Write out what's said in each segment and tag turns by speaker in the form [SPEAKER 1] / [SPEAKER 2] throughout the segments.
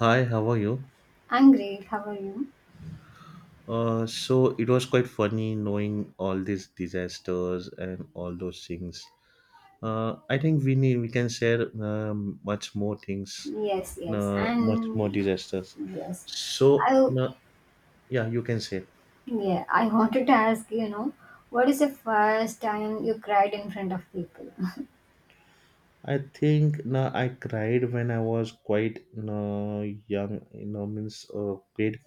[SPEAKER 1] Hi, how are you?
[SPEAKER 2] I'm great. How are you?
[SPEAKER 1] So it was quite funny knowing all these disasters and all those things. I think we can share much more things,
[SPEAKER 2] Yes, yes.
[SPEAKER 1] much more
[SPEAKER 2] And
[SPEAKER 1] disasters.
[SPEAKER 2] yes,
[SPEAKER 1] So
[SPEAKER 2] I
[SPEAKER 1] no, yeah, you can say.
[SPEAKER 2] yeah, I wanted to ask, what is the first time you cried in front of people?
[SPEAKER 1] I think no, I cried when I was quite no, young. Means kid.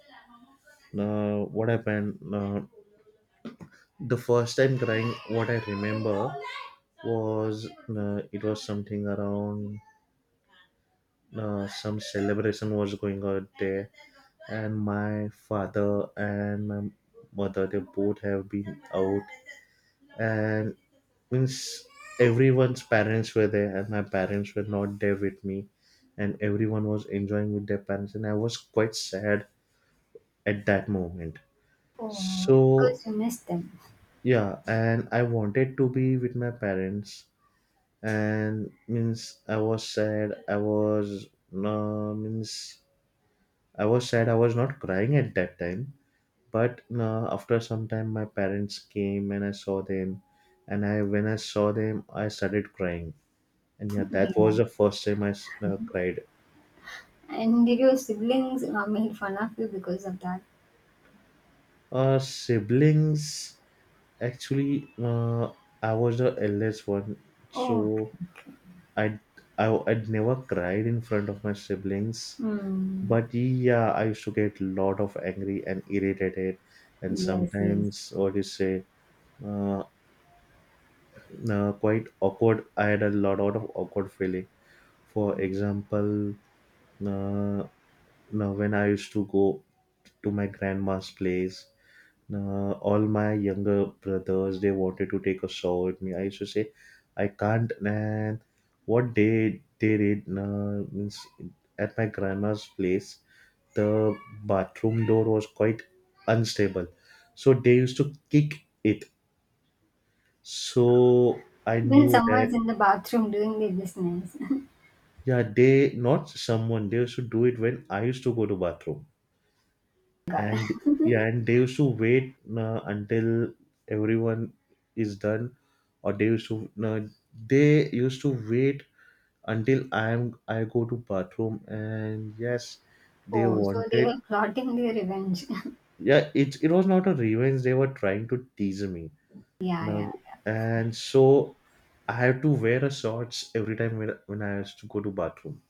[SPEAKER 1] No, what happened? No, the first time crying, what I remember was no, it was something around some celebration was going on there, and my father and my mother they both have been out, and means everyone's parents were there, and my parents were not there with me, and everyone was enjoying with their parents, and I was quite sad at that moment.
[SPEAKER 2] Oh,
[SPEAKER 1] So
[SPEAKER 2] because you missed them.
[SPEAKER 1] yeah, and I wanted to be with my parents, and means I was sad, I was means I was sad. I was not crying at that time, but after some time, my parents came and I saw them, and I when I saw them, I started crying. And yeah, that was
[SPEAKER 2] Yeah.
[SPEAKER 1] the first time cried.
[SPEAKER 2] And did your siblings made fun of you because of that?
[SPEAKER 1] Siblings, actually, I was the eldest one,
[SPEAKER 2] Oh,
[SPEAKER 1] so
[SPEAKER 2] okay. Okay.
[SPEAKER 1] I I'd never cried in front of my siblings.
[SPEAKER 2] Hmm.
[SPEAKER 1] But yeah, I used to get lot of angry and irritated, and
[SPEAKER 2] Yes, yes.
[SPEAKER 1] sometimes what do you say? Uh, quite awkward. I had a lot, lot of awkward feeling. For example, uh, now when I used to go to my grandma's place, all my younger brothers they wanted to take a shower with me. I used to say, "I can't." And what they did, means at my grandma's place, the bathroom door was quite unstable, so they used to kick it. So I
[SPEAKER 2] When
[SPEAKER 1] knew
[SPEAKER 2] someone's
[SPEAKER 1] that.
[SPEAKER 2] in the bathroom doing their business.
[SPEAKER 1] Yeah, they not someone, they used to do it when I used to go to bathroom,
[SPEAKER 2] Got it.
[SPEAKER 1] and yeah, and they used to wait until everyone is done, or uh, they used to wait until I go to bathroom, and yes, they
[SPEAKER 2] Oh, so they
[SPEAKER 1] wanted.
[SPEAKER 2] were plotting their revenge.
[SPEAKER 1] Yeah, it was not a revenge, they were trying to tease me
[SPEAKER 2] Yeah,
[SPEAKER 1] now,
[SPEAKER 2] yeah.
[SPEAKER 1] and so I have to wear a shorts every time when I used to go to bathroom.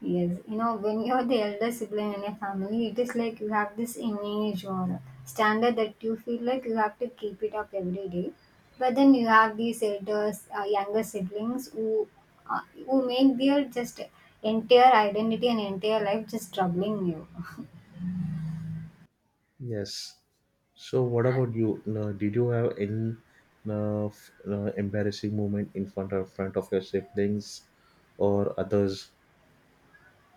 [SPEAKER 2] Yes, you know, when you're the elder sibling in a family, it is like you have this image or standard that you feel like you have to keep it up every day. But then you have these elders, younger siblings uh, who make their just entire identity and entire life just troubling you.
[SPEAKER 1] Yes. So, what about you? No, did you have any embarrassing moment in front of your siblings or others?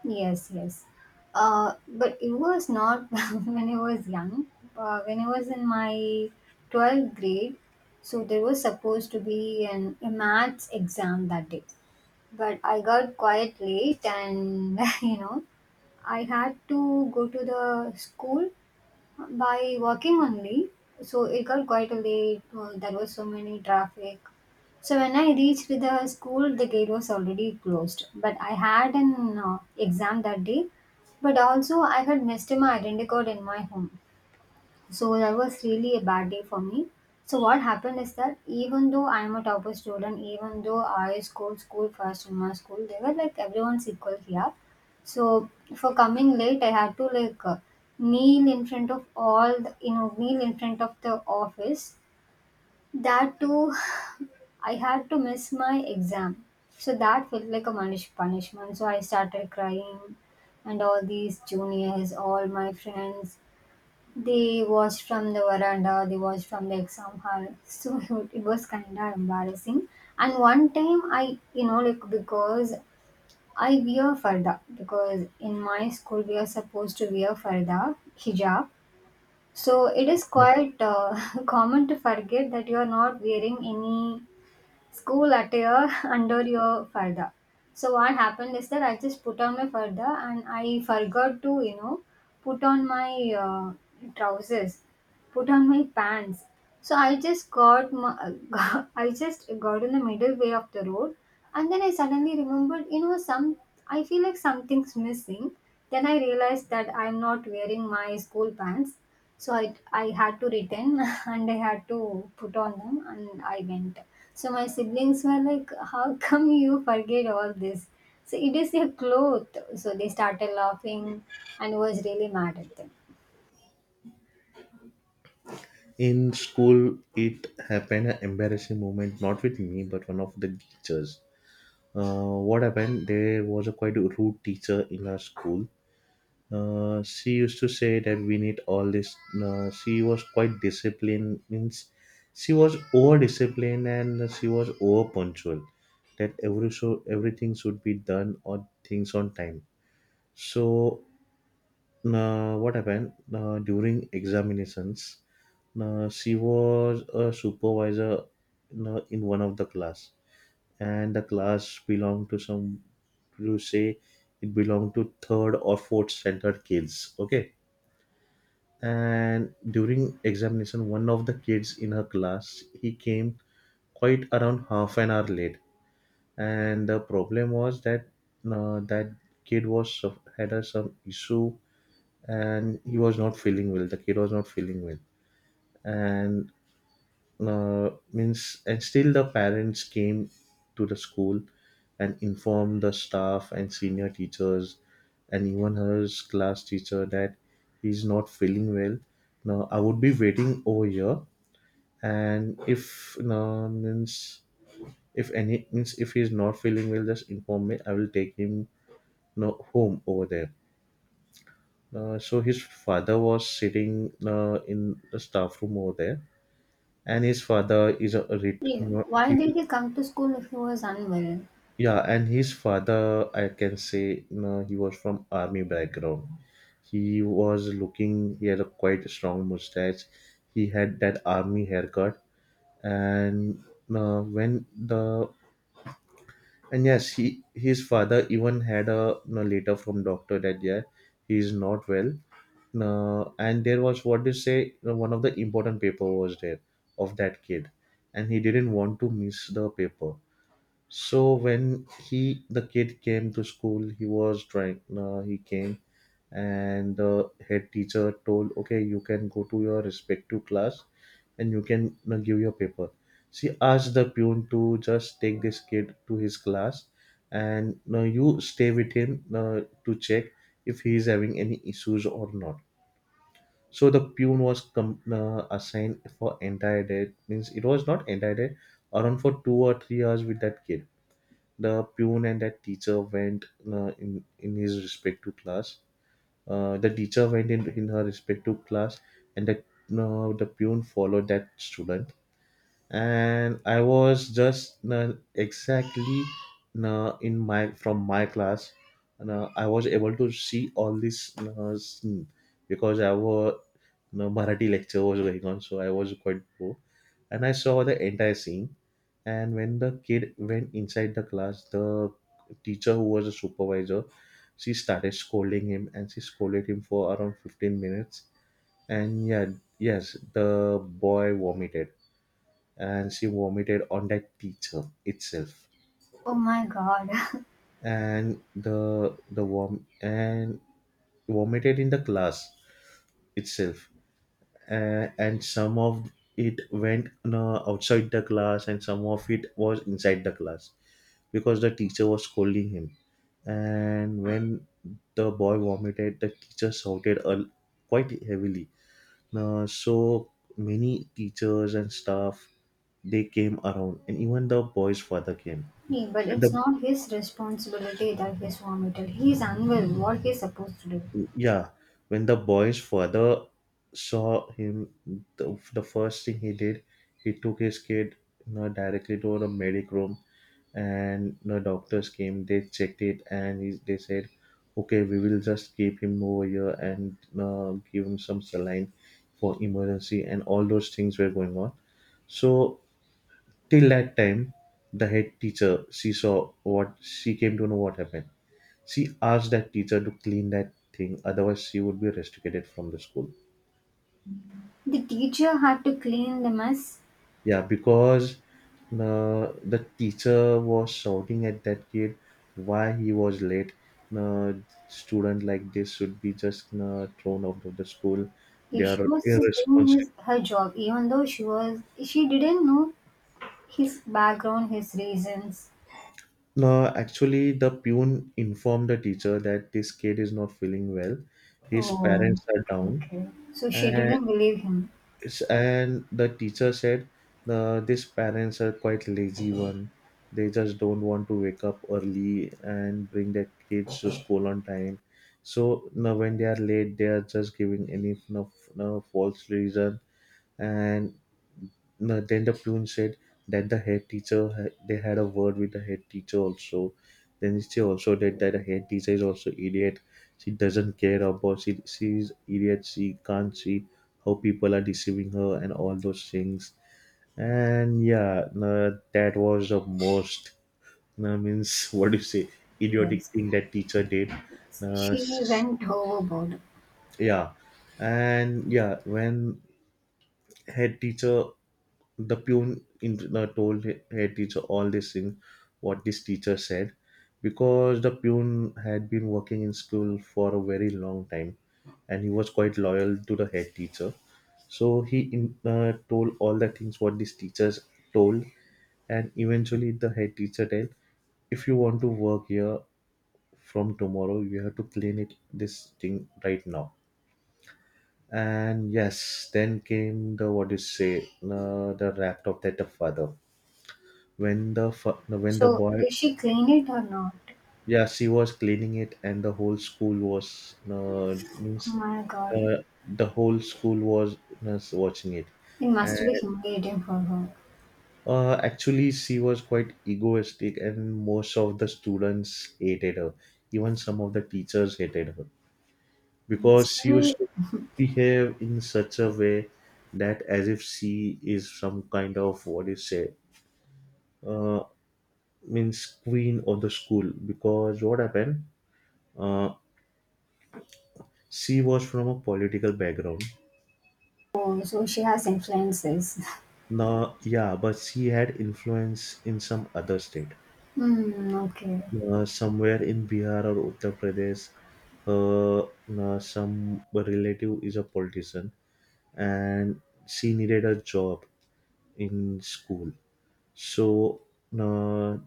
[SPEAKER 2] Yes, yes. But it was not when I was young. When I was in my 12th grade, so there was supposed to be a maths exam that day. But I got quite late and you know I had to go to the school by walking only, so it got quite late. There was so many traffic, so when I reached the school the gate was already closed, but I had an exam that day. But also I had missed my identity card in my home, so that was really a bad day for me. So what happened is that even though I'm a topper student, even though I scored school first in my school, they were like everyone's equal here. So for coming late, I had to like kneel in front of all, the, you know, kneel in front of the office. That too, I had to miss my exam. So that felt like a punishment. So I started crying, and all these juniors, all my friends, they watched from the veranda, they watched from the exam hall. So it was kind of embarrassing. And one time I, you know, like because I wear farda, because in my school we are supposed to wear farda, hijab. So it is
[SPEAKER 1] Yes.
[SPEAKER 2] quite common to forget that you are not wearing any school attire under your farda. So what happened is that I just put on my farda and I forgot to, you know, put on my trousers, put on my pants. So I just got my, got, I just got in the middle way of the road, and then I suddenly remembered, you know, some I feel like something's missing. Then I realized that I'm not wearing my school pants. So I had to return and I had to put on them and I went. So my siblings were like, "How come you forget all this? So it is your cloth." So they started laughing and was really mad at them.
[SPEAKER 1] In school, it happened an embarrassing moment, not with me, but one of the teachers. What happened? There was a quite rude teacher in our school. She used to say that we need all this. She was quite disciplined. Means she was over disciplined and she was over punctual. That every so everything should be done or things on time. So what happened during examinations? She was a supervisor in one of the class, and the class belonged to some. You say it belonged to third or fourth standard kids. Okay, and during examination, one of the kids in her class, he came quite around half an hour late, and the problem was that, that kid was had a, some issue, and he was not feeling well, the kid was not feeling well, and means, and still the parents came to the school and informed the staff and senior teachers and even her class teacher that he's not feeling well, now I would be waiting over here, and if no means, if any means, if he's not feeling well, just inform me, I will take him no home over there. So his father was sitting in the staff room over there, and his father is a
[SPEAKER 2] Yeah.
[SPEAKER 1] no,
[SPEAKER 2] Why
[SPEAKER 1] he.
[SPEAKER 2] did he come to school if he was unwell?
[SPEAKER 1] Yeah, and his father, I can say, no, he was from army background. He was looking. He had a quite strong mustache. He had that army haircut, and when the and yes, he his father even had a no letter from doctor that yeah, he is not well. No, and there was what they say no, one of the important paper was there of that kid, and he didn't want to miss the paper, so when he the kid came to school, he was trying. He came, and the head teacher told, "Okay, you can go to your respective class, and you can give your paper." She asked the pune to just take this kid to his class, and you stay with him to check if he is having any issues or not. So the pune was assigned for entire day. Means it was not entire day, around for 2 or 3 hours with that kid, the pune and that teacher went in his respective class. The teacher went in her respective class, and the pune followed that student, and I was just exactly in my from my class, and I was able to see all this scene because I was you Marathi lecture was going on, so I was quite poor, and I saw the entire scene. And when the kid went inside the class, the teacher who was a supervisor, she started scolding him, and she scolded him for around 15 minutes. And yeah, yes, the boy vomited, and she vomited on that teacher itself,
[SPEAKER 2] Oh my god.
[SPEAKER 1] and vomited in the class itself, and some of it went outside the class, and some of it was inside the class because the teacher was scolding him, and when the boy vomited, the teacher shouted a quite heavily. So many teachers and staff, they came around, and even the boy's father came.
[SPEAKER 2] Yeah, but
[SPEAKER 1] When the
[SPEAKER 2] it's not his responsibility that he's vomited. He's unwell. What he's supposed to do?
[SPEAKER 1] Yeah, when the boy's father saw him, the first thing he did, he took his kid, you know, directly to the medic room, and the doctors came. They checked it, and they said, "Okay, we will just keep him over here and give him some saline for emergency." And all those things were going on. So till that time, the head teacher, she came to know what happened, she asked that teacher to clean that thing, otherwise she would be restricted from the school.
[SPEAKER 2] The teacher had to clean the mess.
[SPEAKER 1] Yeah, because the teacher was shouting at that kid why he was late. Uh, student like this should be just thrown out of the school. They
[SPEAKER 2] If she
[SPEAKER 1] are
[SPEAKER 2] was just doing
[SPEAKER 1] irresponsible.
[SPEAKER 2] his her job, even though she didn't know his background, his reasons.
[SPEAKER 1] No, actually, the pune informed the teacher that this kid is not feeling well. His
[SPEAKER 2] Oh,
[SPEAKER 1] parents are down,
[SPEAKER 2] okay. So she
[SPEAKER 1] and
[SPEAKER 2] didn't believe him.
[SPEAKER 1] The teacher said, these parents are quite lazy one, they just don't want to wake up early and bring their kids to school on time, so now when they are late, they are just giving any, you know, false reason, and no, then the plune said that they had a word with the head teacher also. Then she also said that the head teacher is also idiot. She doesn't care about she she's idiot. She can't see how people are deceiving her and all those things. And yeah, no, that was the most no, means what do you say idiotic
[SPEAKER 2] Yes,
[SPEAKER 1] thing that teacher did.
[SPEAKER 2] yes.
[SPEAKER 1] No,
[SPEAKER 2] She
[SPEAKER 1] s-
[SPEAKER 2] went overboard.
[SPEAKER 1] yeah, and yeah, when head teacher the pune in the told head teacher all this thing what this teacher said, because the pune had been working in school for a very long time, and he was quite loyal to the head teacher, so he told all the things what these teachers told, and eventually the head teacher tell, "If you want to work here from tomorrow, you have to clean it, this thing, right now." And yes, then came the, what do you say, the rap of that, the father, when the
[SPEAKER 2] So
[SPEAKER 1] boy.
[SPEAKER 2] did she clean it or not?
[SPEAKER 1] Yeah, she was cleaning it, and
[SPEAKER 2] Oh
[SPEAKER 1] means
[SPEAKER 2] my God,
[SPEAKER 1] uh, the whole school was watching it,
[SPEAKER 2] it
[SPEAKER 1] and
[SPEAKER 2] must be humiliating for her.
[SPEAKER 1] actually she was quite egoistic, and most of the students hated her, even some of the teachers hated her, because she used to behave in such a way, that as if she is some kind of, what do you say, uh, means queen of the school, because what happened, uh, She was from a political background.
[SPEAKER 2] Oh, so she has influences.
[SPEAKER 1] Now, yeah, but she had influence in some other state,
[SPEAKER 2] Hmm. Okay.
[SPEAKER 1] somewhere in Bihar or Uttar Pradesh. Her some relative is a politician, and she needed a job in school. So uh,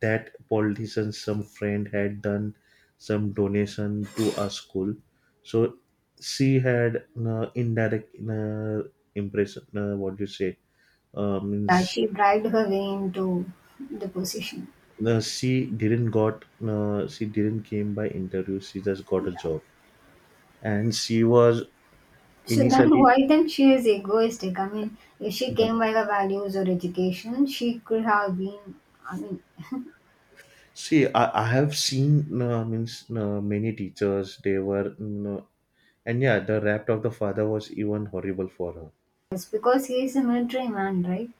[SPEAKER 1] that politician, some friend had done some donation to a school. So she had indirect impression. What do you say? Um,
[SPEAKER 2] Yeah, she bribed her way into the position.
[SPEAKER 1] no, she didn't came by interview. She just got a job, and she was
[SPEAKER 2] So then
[SPEAKER 1] initially.
[SPEAKER 2] why then she is egoistic? I mean, if she
[SPEAKER 1] Yeah.
[SPEAKER 2] came by her values or education, she could have been. I mean,
[SPEAKER 1] See, I have seen means many teachers. They were and yeah, the rap of the father was even horrible for her.
[SPEAKER 2] it's because he is a military man, right?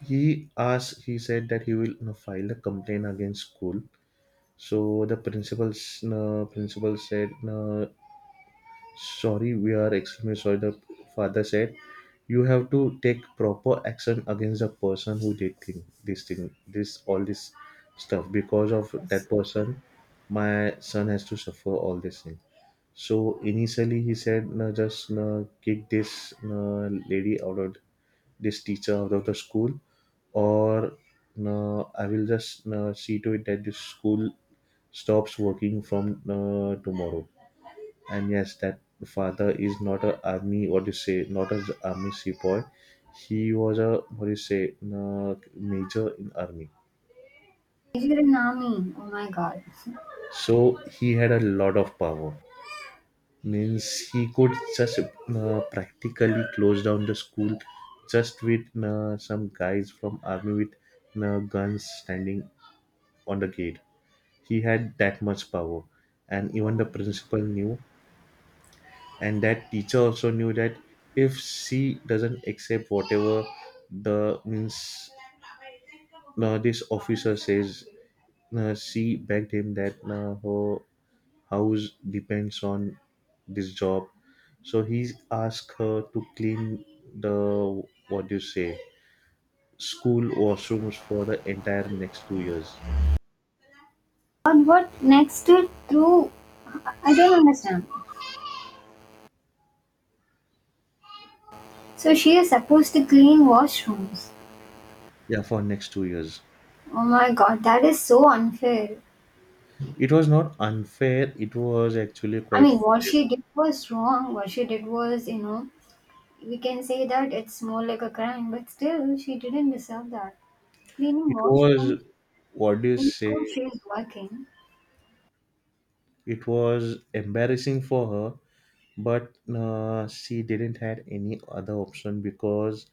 [SPEAKER 1] He asked. He said that he will file a complaint against school. So the principals, principal said, "Sorry, we are extremely sorry," the father said. "You have to take proper action against the person who did thing, this, all this stuff. Because of that
[SPEAKER 2] Yes.
[SPEAKER 1] person, my son has to suffer all this thing." So initially he said, "No, just no, kick this no, lady out of this teacher out of the school, or no, I will just no, see to it that this school stops working from no, tomorrow." And yes, that father is not a army, what do you say, not a army sepoy. He was a, what do you say, uh, major in army.
[SPEAKER 2] Major in army. Oh my god.
[SPEAKER 1] So he had a lot of power, means he could just practically close down the school just with some guys from army with guns standing on the gate. He had that much power, and even the principal knew, and that teacher also knew that if she doesn't accept whatever the means this officer says. She begged him that her house depends on this job. So he asked her to clean the, what do you say, school washrooms for the entire next 2 years.
[SPEAKER 2] But what next to through, I don't understand. So she is supposed to clean washrooms.
[SPEAKER 1] Yeah, for next 2 years.
[SPEAKER 2] Oh my god, that is so unfair.
[SPEAKER 1] It was not unfair, it was actually
[SPEAKER 2] I
[SPEAKER 1] quite
[SPEAKER 2] mean what
[SPEAKER 1] fair.
[SPEAKER 2] she did was wrong. What she did was, you know, we can say that it's more like a crime, but still she didn't deserve that. Cleaning
[SPEAKER 1] It was,
[SPEAKER 2] washroom
[SPEAKER 1] what do you
[SPEAKER 2] in school,
[SPEAKER 1] say,
[SPEAKER 2] she is working.
[SPEAKER 1] it was embarrassing for her, but she didn't had any other option, because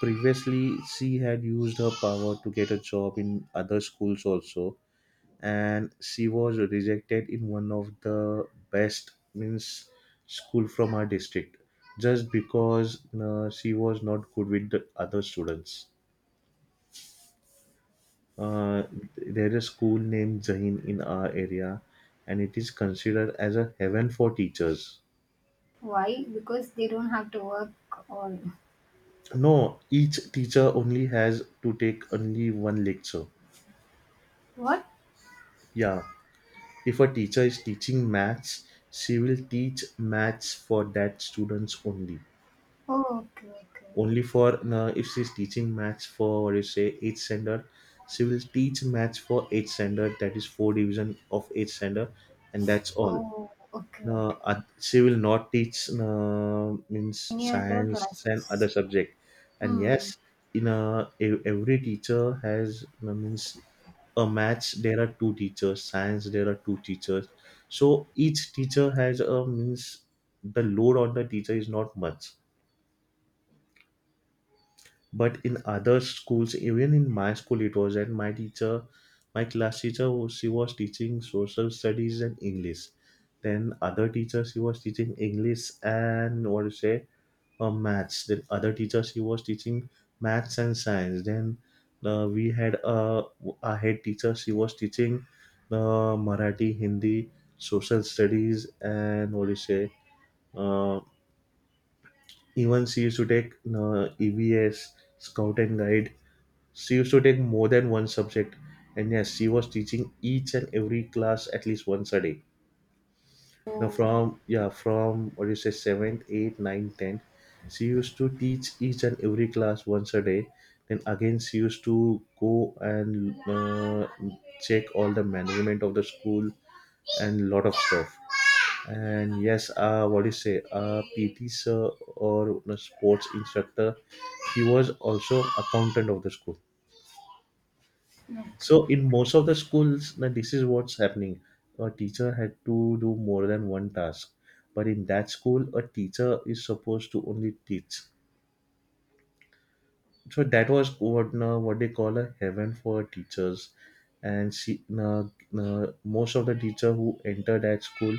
[SPEAKER 1] previously she had used her power to get a job in other schools also, and she was rejected in one of the best means school from her district, just because she was not good with the other students. uh,
[SPEAKER 2] Okay.
[SPEAKER 1] there is a school named Zahin in our area, and it is considered as a heaven for teachers.
[SPEAKER 2] Why? Because they don't have to work all.
[SPEAKER 1] No, each teacher only has to take only one lecture.
[SPEAKER 2] What?
[SPEAKER 1] Yeah, if a teacher is teaching maths, she will teach maths for that students only.
[SPEAKER 2] Oh, okay, okay.
[SPEAKER 1] Only for if she's teaching maths for, what do you say, eighth standard, she will teach maths for eighth standard. That is four division of eighth standard, and that's all.
[SPEAKER 2] Oh, okay, okay.
[SPEAKER 1] She will not teach means
[SPEAKER 2] Any other
[SPEAKER 1] science and other
[SPEAKER 2] classes?
[SPEAKER 1] subject. And
[SPEAKER 2] Hmm.
[SPEAKER 1] yes, in a every teacher has means a maths, there are two teachers, science there are two teachers. So each teacher has a means the load on the teacher is not much. But in other schools, even in my school it was, and my teacher, my class teacher was, she was teaching social studies and English. Then other teacher, she was teaching English and, what do you say, maths. Then other teacher she was teaching maths and science. Then we had a head teacher, she was teaching the Marathi, Hindi, social studies and, what do you say, uh, even she used to take EBS, Scout and Guide. She used to take more than one subject, and yes, she was teaching each and every class at least once a day. Now
[SPEAKER 2] Oh,
[SPEAKER 1] from, yeah, from, what do you say, seventh, eighth, ninth, tenth, she used to teach each and every class once a day. Then again she used to go and check all the management of the school and lot of stuff. And yes, what do you say? PT sir, or you know, sports instructor, he was also accountant of the school. So
[SPEAKER 2] okay.
[SPEAKER 1] in most of the schools, now this is what's happening. A teacher had to do more than one task, but in that school, a teacher is supposed to only teach. So that was what now what they call a heaven for teachers. And she now, now most of the teacher who entered that school,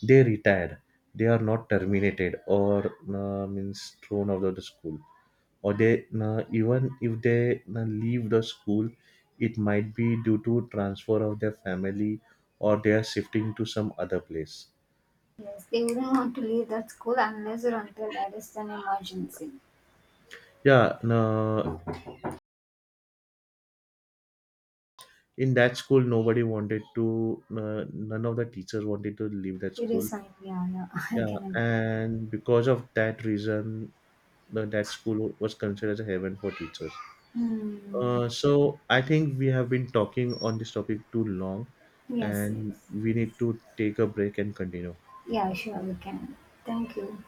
[SPEAKER 1] they retired. They are not terminated or now means thrown out of the school, or they even if they leave the school, it might be due to transfer of their family or they are shifting to some other place.
[SPEAKER 2] Yes, they wouldn't want to leave that school unless or until that is an emergency.
[SPEAKER 1] Yeah, no, in that school nobody wanted to none of the teachers wanted to leave that
[SPEAKER 2] It
[SPEAKER 1] school.
[SPEAKER 2] is fine. Yeah, yeah. I
[SPEAKER 1] Yeah,
[SPEAKER 2] can agree.
[SPEAKER 1] and because of that reason that school was considered as a heaven for teachers.
[SPEAKER 2] Hmm.
[SPEAKER 1] So I think we have been talking on this topic too long,
[SPEAKER 2] Yes,
[SPEAKER 1] and
[SPEAKER 2] yes.
[SPEAKER 1] we need to take a break and continue.
[SPEAKER 2] Yeah, sure, we can. Thank you.